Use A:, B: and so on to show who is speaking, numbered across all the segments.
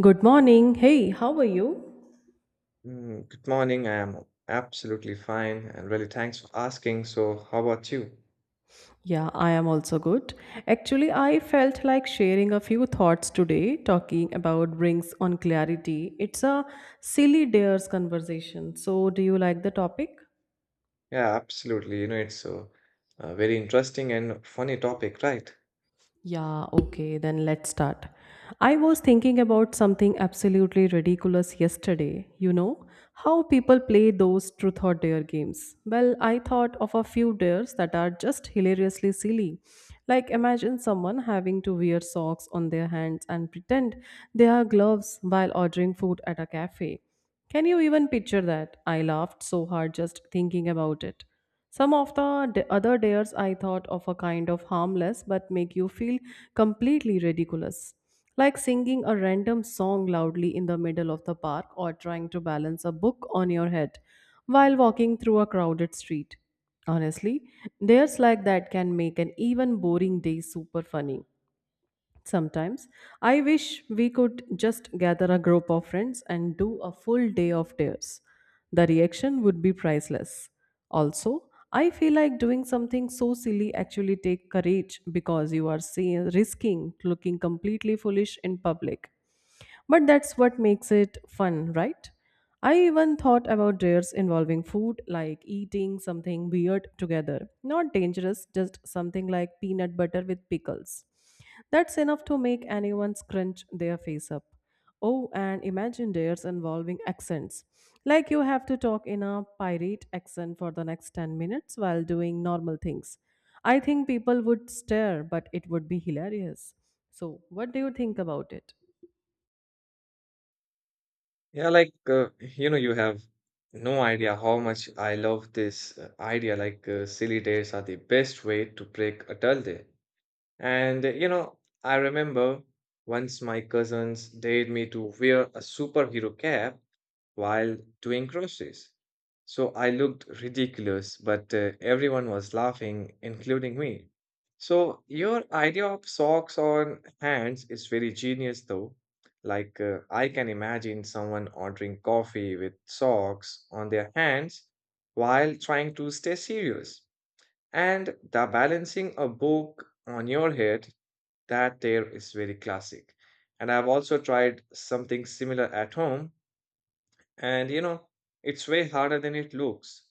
A: Good morning. Hey, how are you?
B: Good morning. I am absolutely fine and really thanks for asking. So, how about you?
A: Yeah, I am also good. Actually, I felt like sharing a few thoughts today, talking about rings on clarity. It's a silly dares conversation. So, do you like the topic?
B: Yeah, absolutely. It's a very interesting and funny topic, right?
A: Yeah, okay, then let's start. I was thinking about something absolutely ridiculous yesterday. You know, how people play those truth or dare games. Well, I thought of a few dares that are just hilariously silly. Like, imagine someone having to wear socks on their hands and pretend they are gloves while ordering food at a cafe. Can you even picture that? I laughed so hard just thinking about it. Some of the other dares I thought of a kind of harmless but make you feel completely ridiculous. Like singing a random song loudly in the middle of the park or trying to balance a book on your head while walking through a crowded street. Honestly, dares like that can make an even boring day super funny. Sometimes I wish we could just gather a group of friends and do a full day of tears. The reaction would be priceless. Also, I feel like doing something so silly actually take courage because you are risking looking completely foolish in public. But that's what makes it fun, right? I even thought about dares involving food, like eating something weird together. Not dangerous, just something like peanut butter with pickles. That's enough to make anyone scrunch their face up. Oh, and imagine dares involving accents. Like you have to talk in a pirate accent for the next 10 minutes while doing normal things. I think people would stare, but it would be hilarious. So, what do you think about it?
B: Yeah, you have no idea how much I love this idea. Silly days are the best way to break a dull day. And uh, you know, I remember once my cousins dared me to wear a superhero cap while doing groceries, so I looked ridiculous, but everyone was laughing, including me. So your idea of socks on hands is very genius, though. I can imagine someone ordering coffee with socks on their hands while trying to stay serious. And the balancing a book on your head, that there is very classic. And I've also tried something similar at home, and it's way harder than it looks.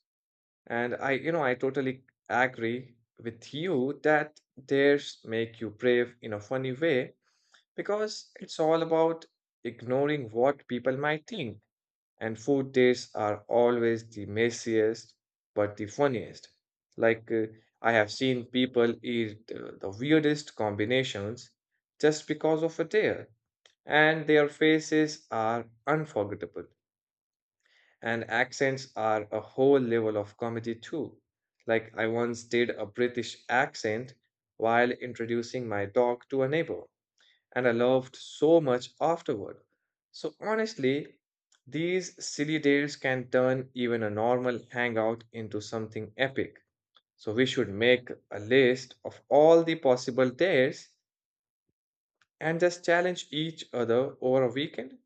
B: And I totally agree with you that theirs make you brave in a funny way because it's all about ignoring what people might think, and food tastes are always the messiest but the funniest. Like, uh, I have seen people eat the weirdest combinations just because of a tale, and their faces are unforgettable, and accents are a whole level of comedy too. Like, I once did a British accent while introducing my dog to a neighbor and I loved so much afterward. So honestly, these silly dates can turn even a normal hangout into something epic. So we should make a list of all the possible dates and just challenge each other over a weekend.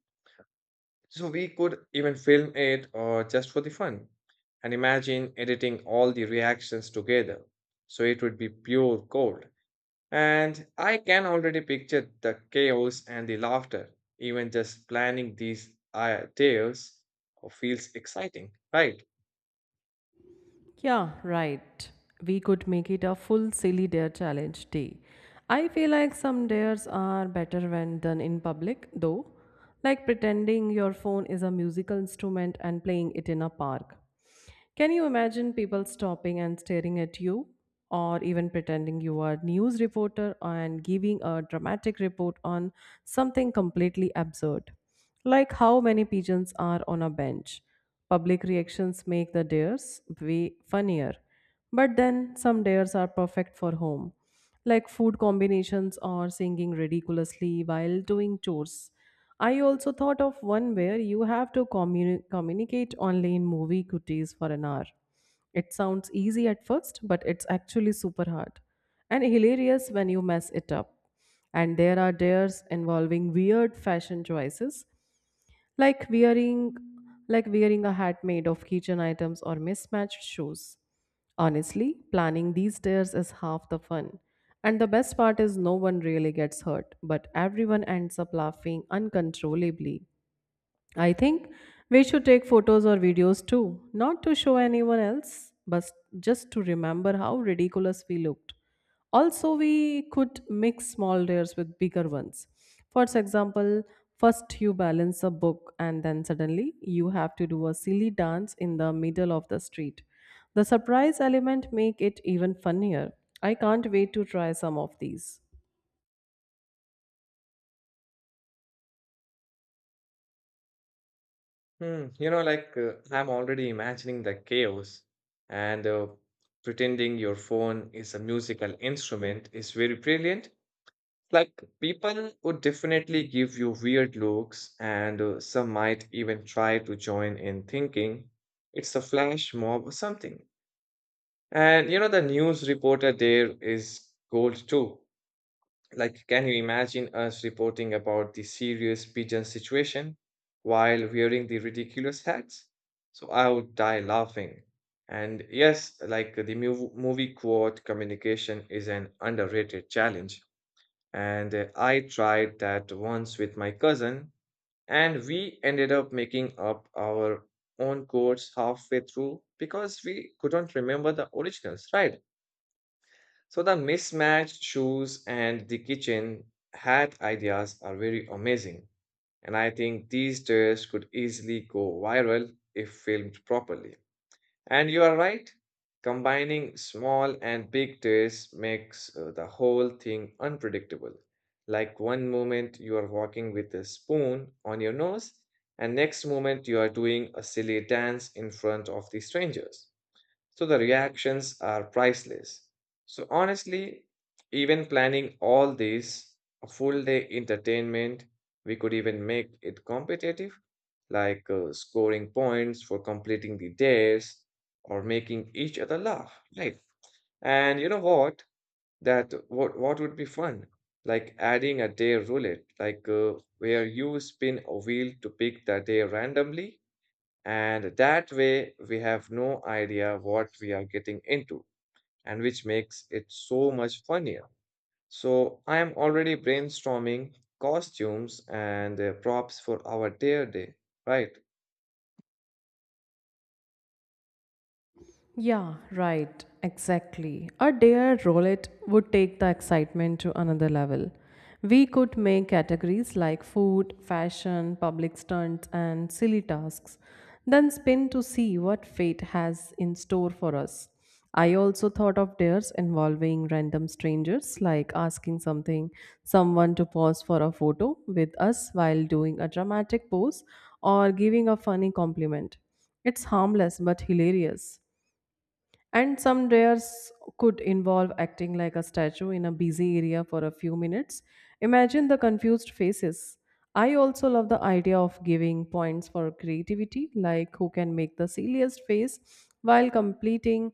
B: So we could even film it or just for the fun. And imagine editing all the reactions together. So it would be pure gold. And I can already picture the chaos and the laughter. Even just planning these tales feels exciting, right?
A: Yeah, right. We could make it a full silly dare challenge day. I feel like some dares are better when done in public, though, like pretending your phone is a musical instrument and playing it in a park. Can you imagine people stopping and staring at you, or even pretending you are a news reporter and giving a dramatic report on something completely absurd? Like how many pigeons are on a bench. Public reactions make the dares way funnier. But then some dares are perfect for home, like food combinations or singing ridiculously while doing chores. I also thought of one where you have to communicate only in movie cuties for an hour. It sounds easy at first, but it's actually super hard and hilarious when you mess it up. And there are dares involving weird fashion choices like wearing like wearing a hat made of kitchen items or mismatched shoes. Honestly, planning these days is half the fun. And the best part is no one really gets hurt, but everyone ends up laughing uncontrollably. I think we should take photos or videos too, not to show anyone else, but just to remember how ridiculous we looked. Also, we could mix small dares with bigger ones. For example, first you balance a book, and then suddenly you have to do a silly dance in the middle of the street. The surprise element make it even funnier. I can't wait to try some of these.
B: Hmm. I'm already imagining the chaos, and pretending your phone is a musical instrument is very brilliant. Like, people would definitely give you weird looks, and some might even try to join in thinking it's a flash mob or something. And you know, the news reporter there is gold too. Like, can you imagine us reporting about the serious pigeon situation while wearing the ridiculous hats? So I would die laughing. And yes, like the movie quote communication is an underrated challenge. And I tried that once with my cousin, and we ended up making up our own quotes halfway through because we couldn't remember the originals, right? So the mismatched shoes and the kitchen hat ideas are very amazing. And I think these tests could easily go viral if filmed properly. And you are right, combining small and big tests makes the whole thing unpredictable. Like one moment you are walking with a spoon on your nose, and next moment you are doing a silly dance in front of the strangers. So the reactions are priceless. So honestly, even planning all this, a full day entertainment, we could even make it competitive, like scoring points for completing the days or making each other laugh, right? And you know what? That what would be fun? Like adding a day roulette, like where you spin a wheel to pick the day randomly, and that way, we have no idea what we are getting into, and which makes it so much funnier. So, I am already brainstorming costumes and props for our dare day, right?
A: Yeah, right, exactly. A dare roll it would take the excitement to another level. We could make categories like food, fashion, public stunts, and silly tasks, then spin to see what fate has in store for us. I also thought of dares involving random strangers, like someone to pause for a photo with us while doing a dramatic pose or giving a funny compliment. It's harmless but hilarious. And some dares could involve acting like a statue in a busy area for a few minutes. Imagine the confused faces. I also love the idea of giving points for creativity, like who can make the silliest face while completing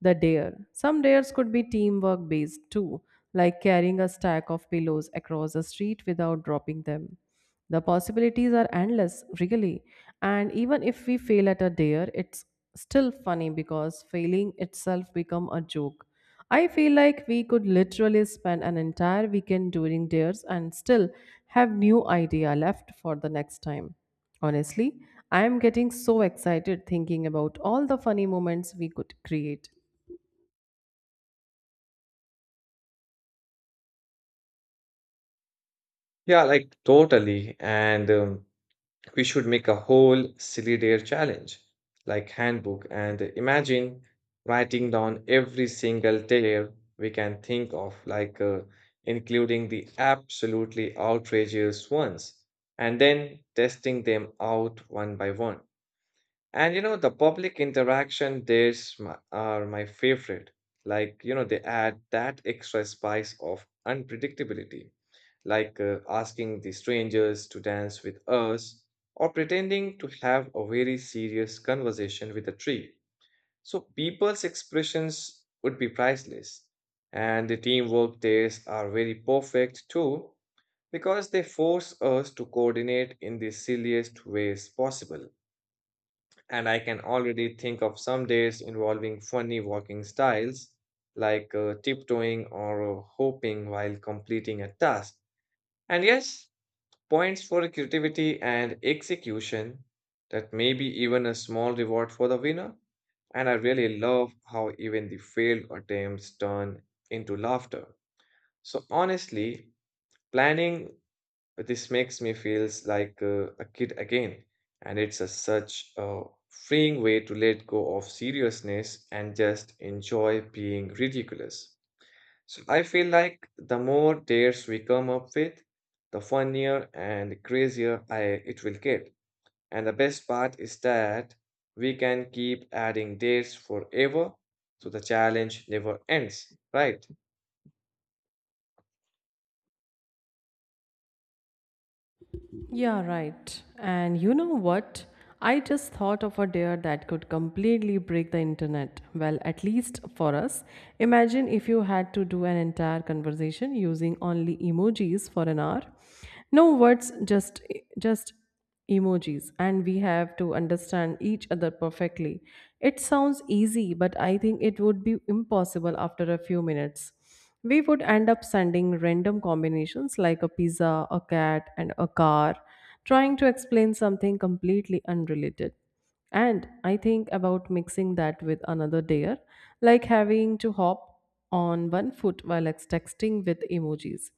A: the dare. Some dares could be teamwork based too, like carrying a stack of pillows across the street without dropping them. The possibilities are endless, really. And even if we fail at a dare, it's still funny because failing itself become a joke. I feel like we could literally spend an entire weekend doing dares and still have new idea left for the next time. Honestly, I am getting so excited thinking about all the funny moments we could create.
B: Yeah, like totally. And We should make a whole silly dare challenge, like handbook, and imagine writing down every single dare we can think of, including the absolutely outrageous ones, and then testing them out one by one. And you know, the public interaction dares are my favorite. Like, you know, they add that extra spice of unpredictability, asking the strangers to dance with us or pretending to have a very serious conversation with a tree. So, people's expressions would be priceless. And the teamwork days are very perfect too because they force us to coordinate in the silliest ways possible. And I can already think of some days involving funny walking styles like tiptoeing or hopping while completing a task. And yes, points for creativity and execution, that may be even a small reward for the winner. And I really love how even the failed attempts turn into laughter. So honestly, planning this makes me feels like a kid again, and it's a such a freeing way to let go of seriousness and just enjoy being ridiculous. So I feel like the more dates we come up with, the funnier and crazier it will get. And the best part is that we can keep adding dates forever, so the challenge never ends, right?
A: Yeah, right. And you know what? I just thought of a dare that could completely break the internet. Well, at least for us. Imagine if you had to do an entire conversation using only emojis for an hour. No words, just emojis and we have to understand each other perfectly. It sounds easy, but I think it would be impossible after a few minutes. We would end up sending random combinations like a pizza, a cat, and a car, trying to explain something completely unrelated. And I think about mixing that with another dare, like having to hop on 1 foot while texting with emojis.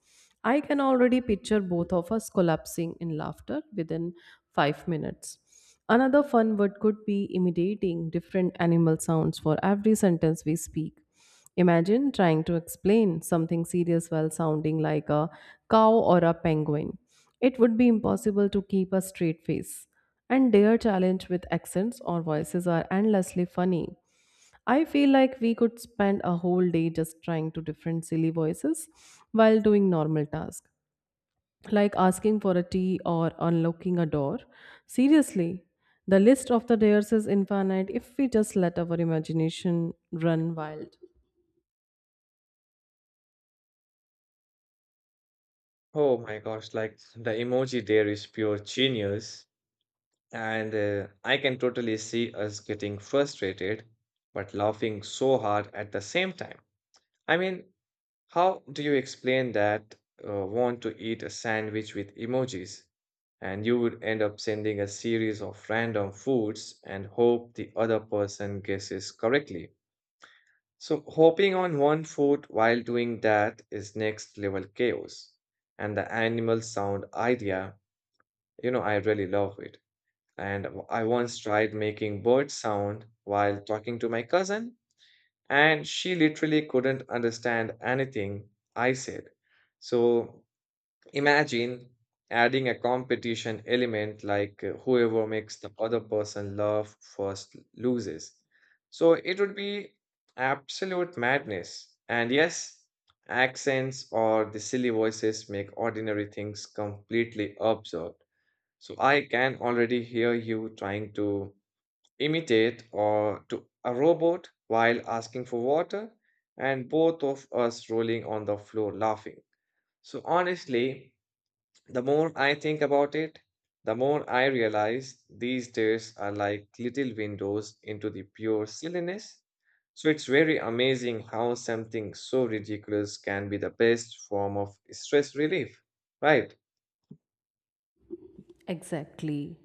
A: I can already picture both of us collapsing in laughter within 5 minutes. Another fun word could be imitating different animal sounds for every sentence we speak. Imagine trying to explain something serious while sounding like a cow or a penguin. It would be impossible to keep a straight face. And their challenge with accents or voices are endlessly funny. I feel like we could spend a whole day just trying to different silly voices while doing normal tasks, like asking for a tea or unlocking a door. Seriously, the list of the dares is infinite if we just let our imagination run wild.
B: Oh my gosh, like the emoji dare is pure genius. And I can totally see us getting frustrated, but laughing so hard at the same time. I mean, how do you explain that want to eat a sandwich with emojis? And you would end up sending a series of random foods and hope the other person guesses correctly. So, hopping on one food while doing that is next level chaos. And the animal sound idea, you know, I really love it. And I once tried making bird sound while talking to my cousin, and she literally couldn't understand anything I said. So imagine adding a competition element like whoever makes the other person laugh first loses. So it would be absolute madness. And yes, accents or the silly voices make ordinary things completely absurd. So I can already hear you trying to imitate or to a robot while asking for water and both of us rolling on the floor laughing. So honestly, the more I think about it, the more I realize these days are like little windows into the pure silliness. So it's very amazing how something so ridiculous can be the best form of stress relief, right?
A: Exactly.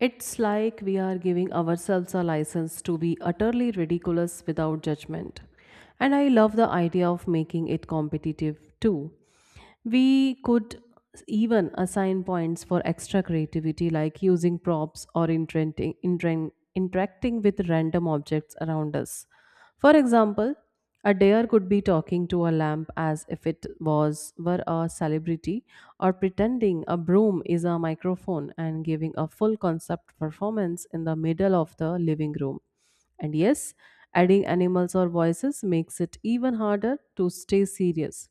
A: It's like we are giving ourselves a license to be utterly ridiculous without judgment. And I love the idea of making it competitive too. We could even assign points for extra creativity, like using props or interacting with random objects around us. For example, a deer could be talking to a lamp as if it was were a celebrity, or pretending a broom is a microphone and giving a full concept performance in the middle of the living room. And yes, adding animals or voices makes it even harder to stay serious.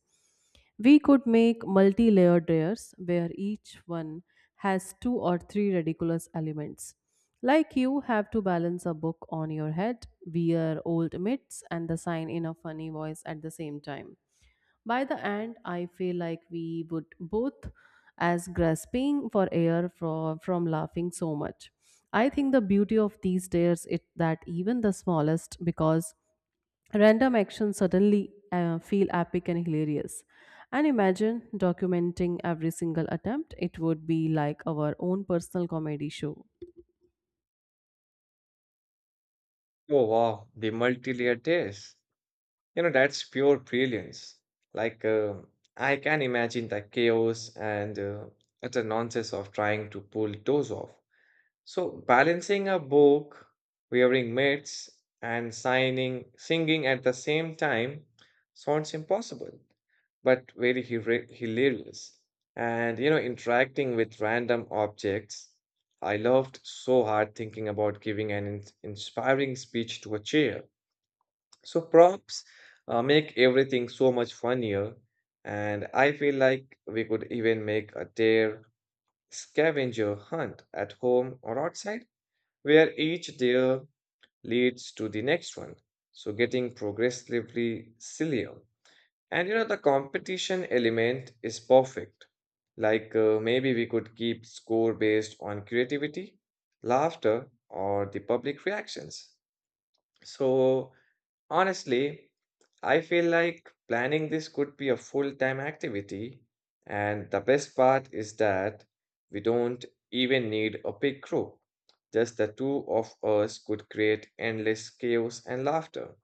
A: We could make multi layered layers where each one has two or three ridiculous elements. Like you have to balance a book on your head, wear old mitts, and the sign in a funny voice at the same time. By the end, I feel like we would both as grasping for air from laughing so much. I think the beauty of these layers is that even the smallest, because random actions suddenly feel epic and hilarious. And imagine documenting every single attempt. It would be like our own personal comedy show.
B: Oh wow, the multi-layered days, you know, that's pure brilliance. Like, uh, I can imagine the chaos and utter nonsense of trying to pull those off. So, balancing a book, wearing mitts, and singing at the same time sounds impossible, but very hilarious. And, you know, interacting with random objects. I loved so hard thinking about giving an inspiring speech to a chair. So props make everything so much funnier, and I feel like we could even make a dare scavenger hunt at home or outside, where each dare leads to the next one. So getting progressively sillier. And you know, the competition element is perfect. Like maybe we could keep score based on creativity, laughter, or the public reactions. So honestly, I feel like planning this could be a full-time activity, and the best part is that we don't even need a big group. Just the two of us could create endless chaos and laughter.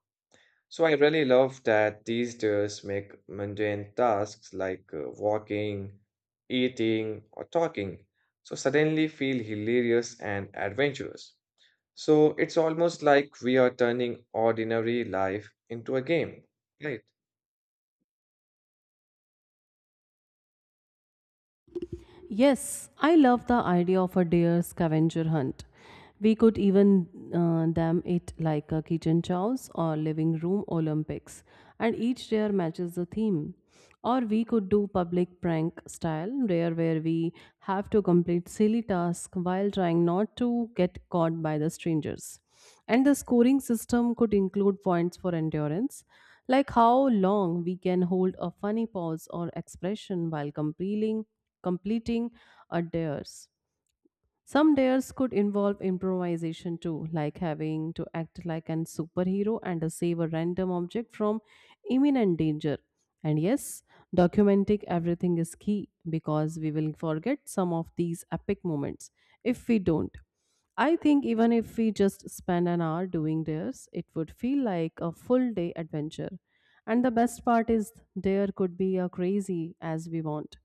B: So I really love that these days make mundane tasks like walking, eating, or talking so suddenly feel hilarious and adventurous. So it's almost like we are turning ordinary life into a game, right?
A: Yes, I love the idea of a deer scavenger hunt. We could even dam it like a kitchen chows or living room Olympics, and each deer matches the theme. Or we could do public prank style deer where we have to complete silly tasks while trying not to get caught by the strangers. And the scoring system could include points for endurance, like how long we can hold a funny pause or expression while completing a dares. Some dares could involve improvisation too, like having to act like an superhero and to save a random object from imminent danger. And yes, documenting everything is key because we will forget some of these epic moments if we don't. I think even if we just spend an hour doing dares, it would feel like a full day adventure. And the best part is, there could be a crazy as we want.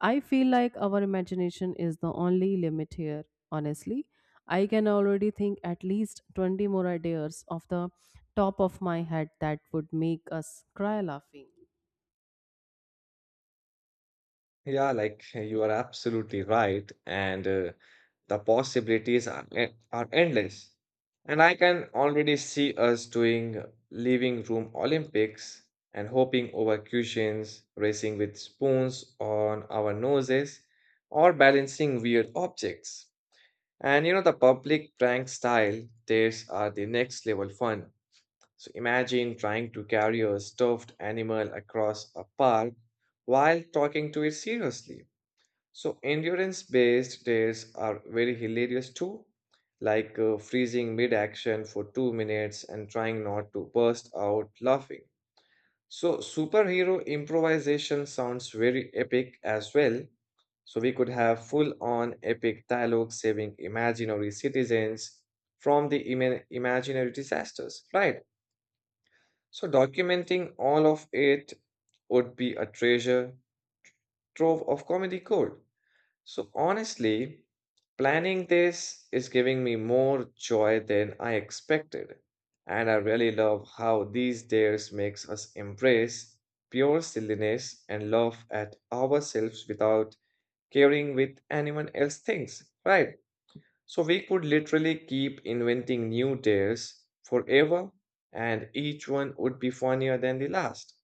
A: I feel like our imagination is the only limit here, honestly. I can already think at least 20 more ideas off the top of my head that would make us cry laughing.
B: Yeah, you are absolutely right. And the possibilities are endless. And I can already see us doing living room Olympics and hopping over cushions, racing with spoons on our noses, or balancing weird objects. And you know, the public prank style days are the next level fun. So imagine trying to carry a stuffed animal across a park while talking to it seriously. So endurance based days are very hilarious too, like freezing mid action for 2 minutes and trying not to burst out laughing. So superhero improvisation sounds very epic as well. So we could have full on epic dialogue saving imaginary citizens from the imaginary disasters, right? So, documenting all of it would be a treasure trove of comedy gold. So, honestly, planning this is giving me more joy than I expected. And I really love how these days makes us embrace pure silliness and laugh at ourselves without caring with anyone else thinks, right? So we could literally keep inventing new dares forever and each one would be funnier than the last.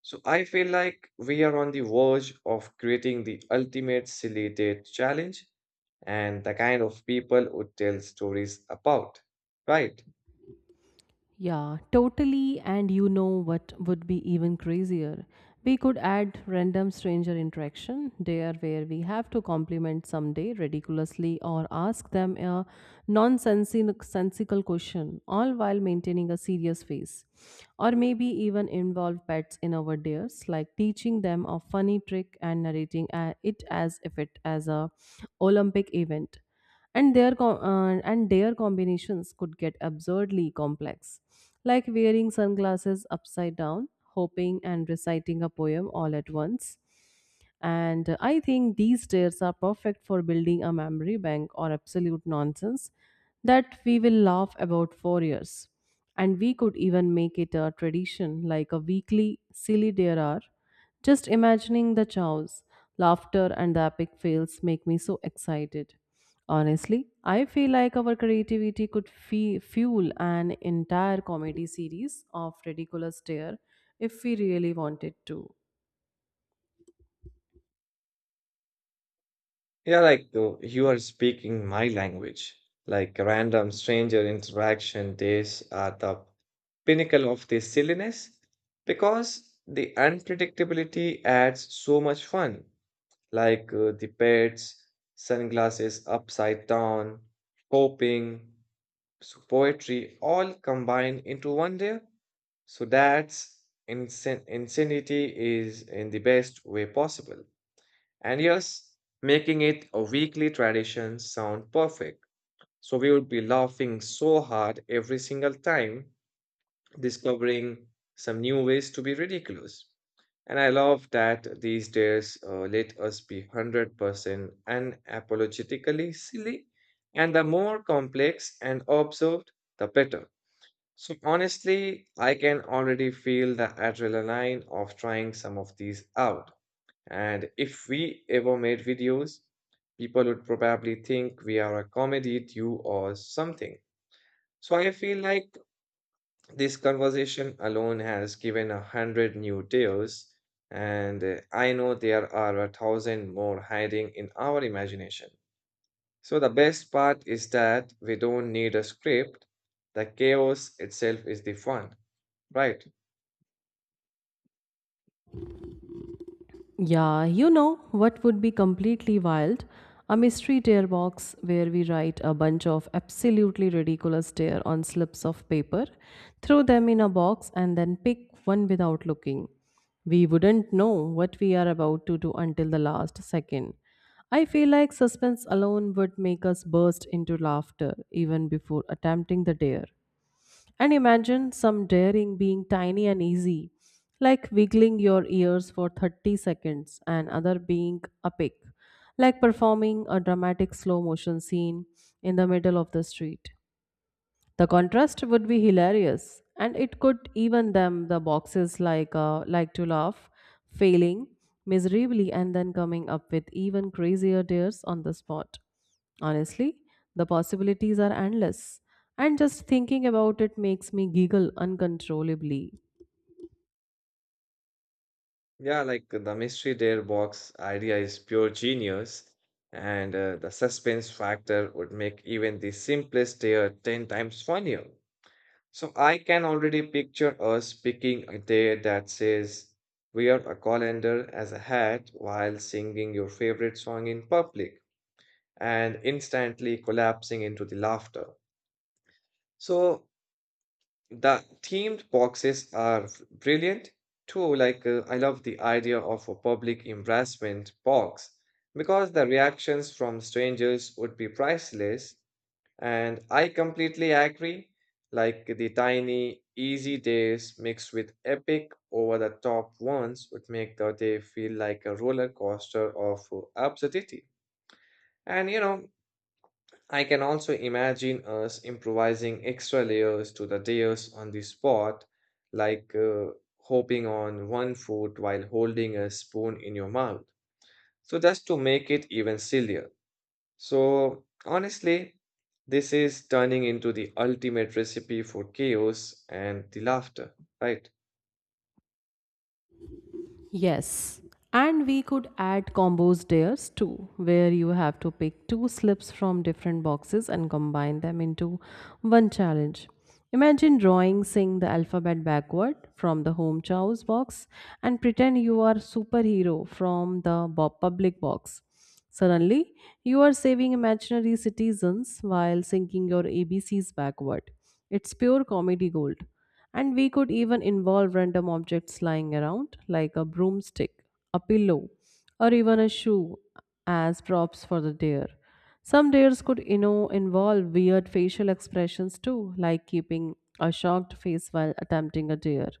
B: So I feel like we are on the verge of creating the ultimate silly date challenge and the kind of people who tell stories about. Right?
A: Yeah, totally. And you know what would be even crazier? We could add random stranger interaction there where we have to compliment someday ridiculously or ask them a nonsensical question, all while maintaining a serious face. Or maybe even involve pets in our dares, like teaching them a funny trick and narrating it as if it as a Olympic event and their and their combinations could get absurdly complex like wearing sunglasses upside down hoping and reciting a poem all at once and I think these stairs are perfect for building a memory bank or absolute nonsense that we will laugh about for years. And we could even make it a tradition like a weekly silly dare hour. Just imagining the chows, laughter, and the epic fails make me so excited. Honestly, I feel like our creativity could fuel an entire comedy series of ridiculous dare if we really wanted to.
B: Yeah, you are speaking my language. Like random stranger interaction days are the pinnacle of this silliness because the unpredictability adds so much fun. Like the pets, sunglasses upside down, hoping. So poetry all combine into one there. So that's insanity is in the best way possible. And yes, making it a weekly tradition sound perfect. So we would be laughing so hard every single time, discovering some new ways to be ridiculous. And I love that these days let us be 100% unapologetically silly, and the more complex and observed, the better. So honestly, I can already feel the adrenaline of trying some of these out. And if we ever made videos, people would probably think we are a comedy duo or something. So I feel like this conversation alone has given a hundred new tales, and I know there are a thousand more hiding in our imagination. So the best part is that we don't need a script. The chaos itself is the fun, right?
A: Yeah, you know what would be completely wild? A mystery tear box where we write a bunch of absolutely ridiculous tear on slips of paper, throw them in a box, and then pick one without looking. We wouldn't know what we are about to do until the last second. I feel like suspense alone would make us burst into laughter even before attempting the dare. And imagine some daring being tiny and easy, like wiggling your ears for 30 seconds, and other being epic, like performing a dramatic slow motion scene in the middle of the street. The contrast would be hilarious, and it could even them the boxes like to laugh, failing miserably, and then coming up with even crazier dares on the spot. Honestly, the possibilities are endless, and just thinking about it makes me giggle uncontrollably.
B: Yeah, like the mystery dare box idea is pure genius, and the suspense factor would make even the simplest dare 10 times funnier. So I can already picture us picking a dare that says, "Wear a colander as a hat while singing your favorite song in public," and instantly collapsing into the laughter. So the themed boxes are brilliant too. Like I love the idea of a public embarrassment box because the reactions from strangers would be priceless. And I completely agree. Like the tiny, easy days mixed with epic, over the top ones would make the day feel like a roller coaster of absurdity. And you know, I can also imagine us improvising extra layers to the layers on the spot, like hopping on one foot while holding a spoon in your mouth. So, just to make it even sillier. So, honestly, this is turning into the ultimate recipe for chaos and the laughter, right?
A: Yes, and we could add combos dares too, where you have to pick two slips from different boxes and combine them into one challenge. Imagine drawing, sing the alphabet backward from the home chow's box and pretend you are superhero from the public box. Suddenly, you are saving imaginary citizens while sinking your ABCs backward. It's pure comedy gold. And we could even involve random objects lying around, like a broomstick, a pillow, or even a shoe, as props for the dare. Some dares could, you know, involve weird facial expressions too, like keeping a shocked face while attempting a dare.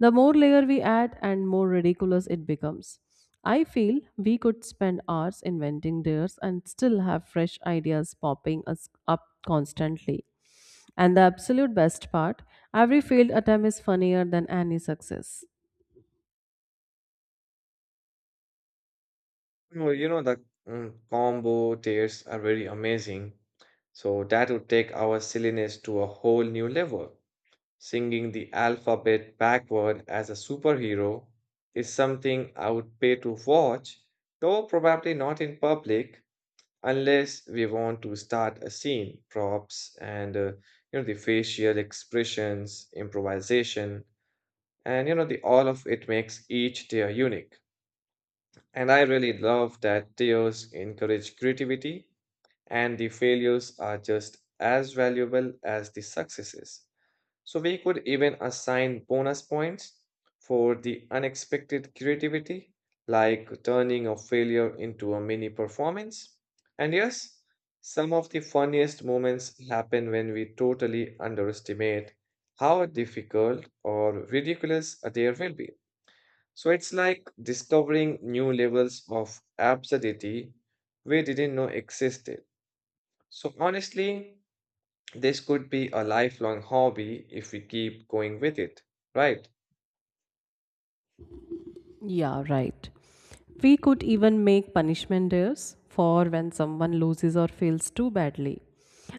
A: The more layer we add and more ridiculous it becomes. I feel we could spend hours inventing dares and still have fresh ideas popping us up constantly. And the absolute best part every failed attempt is funnier than any success.
B: Well, you know, the combo tears are very amazing. So, that would take our silliness to a whole new level. Singing the alphabet backward as a superhero is something I would pay to watch, though probably not in public unless we want to start a scene. Props and you know the facial expressions, improvisation, and you know the all of it makes each tier unique. And I really love that tiers encourage creativity and the failures are just as valuable as the successes. So we could even assign bonus points for the unexpected creativity, like turning a failure into a mini performance. And yes, some of the funniest moments happen when we totally underestimate how difficult or ridiculous there will be. So it's like discovering new levels of absurdity we didn't know existed. So honestly, this could be a lifelong hobby if we keep going with it, right?
A: Yeah, right. We could even make punishment days for when someone loses or fails too badly.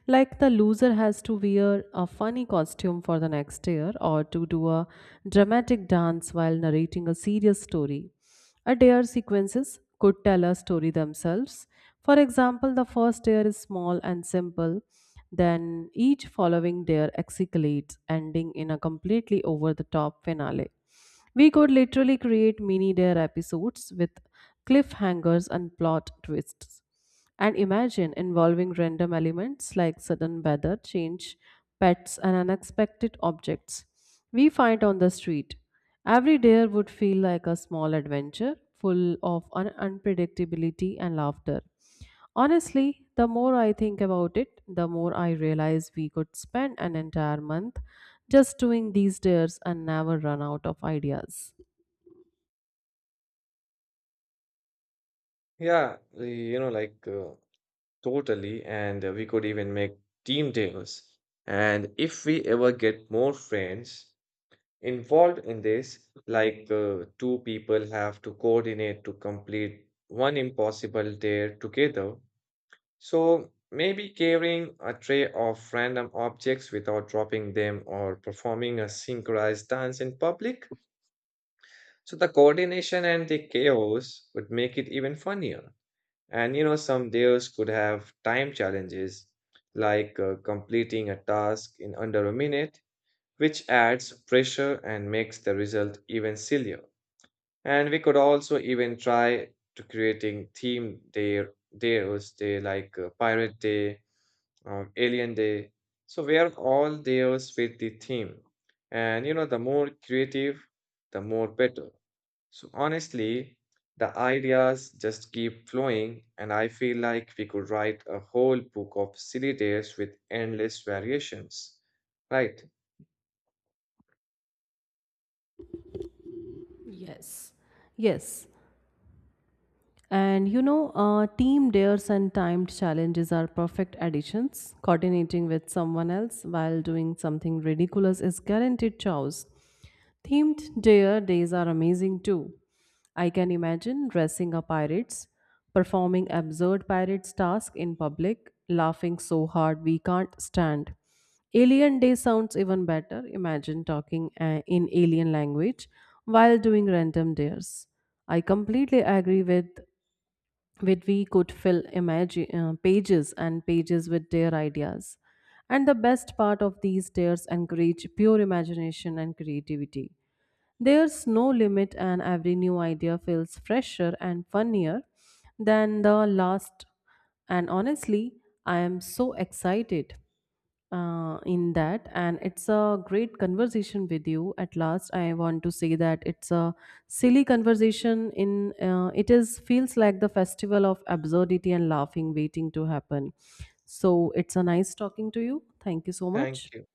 A: Like the loser has to wear a funny costume for the next year or to do a dramatic dance while narrating a serious story. A dare sequences could tell a story themselves. For example, the first dare is small and simple, then each following dare escalates, ending in a completely over the top finale. We could literally create mini dare episodes with cliffhangers and plot twists. And imagine involving random elements like sudden weather change, pets, and unexpected objects we find on the street. Every dare would feel like a small adventure full of unpredictability and laughter. Honestly, the more I think about it, the more I realize we could spend an entire month just doing these dares and never run out of ideas.
B: Yeah, you know, like totally. And we could even make team deals. And if we ever get more friends involved in this, like two people have to coordinate to complete one impossible dare together. So maybe carrying a tray of random objects without dropping them or performing a synchronized dance in public. So the coordination and the chaos would make it even funnier. And you know, some days could have time challenges, like completing a task in under a minute, which adds pressure and makes the result even sillier. And we could also even try to creating day like Pirate Day, Alien Day. So where all days fit the theme. And you know, the more creative, the more better. So honestly, the ideas just keep flowing, and I feel like we could write a whole book of silly days with endless variations. Right.
A: Yes. Yes. And you know, team dares and timed challenges are perfect additions. Coordinating with someone else while doing something ridiculous is guaranteed chaos. Themed dare days are amazing too. I can imagine dressing up pirates, performing absurd pirates' tasks in public, laughing so hard we can't stand. Alien day sounds even better. Imagine talking in alien language while doing random dares. I completely agree with where we could fill pages and pages with their ideas. And the best part of these tears encourage pure imagination and creativity. There's no limit, and every new idea feels fresher and funnier than the last. And honestly, I am so excited in that. And it's a great conversation with you. At last, I want to say that it's a silly conversation. In it is feels like the festival of absurdity and laughing waiting to happen. So it's a nice talking to you. Thank you so
B: Thank
A: much.
B: you.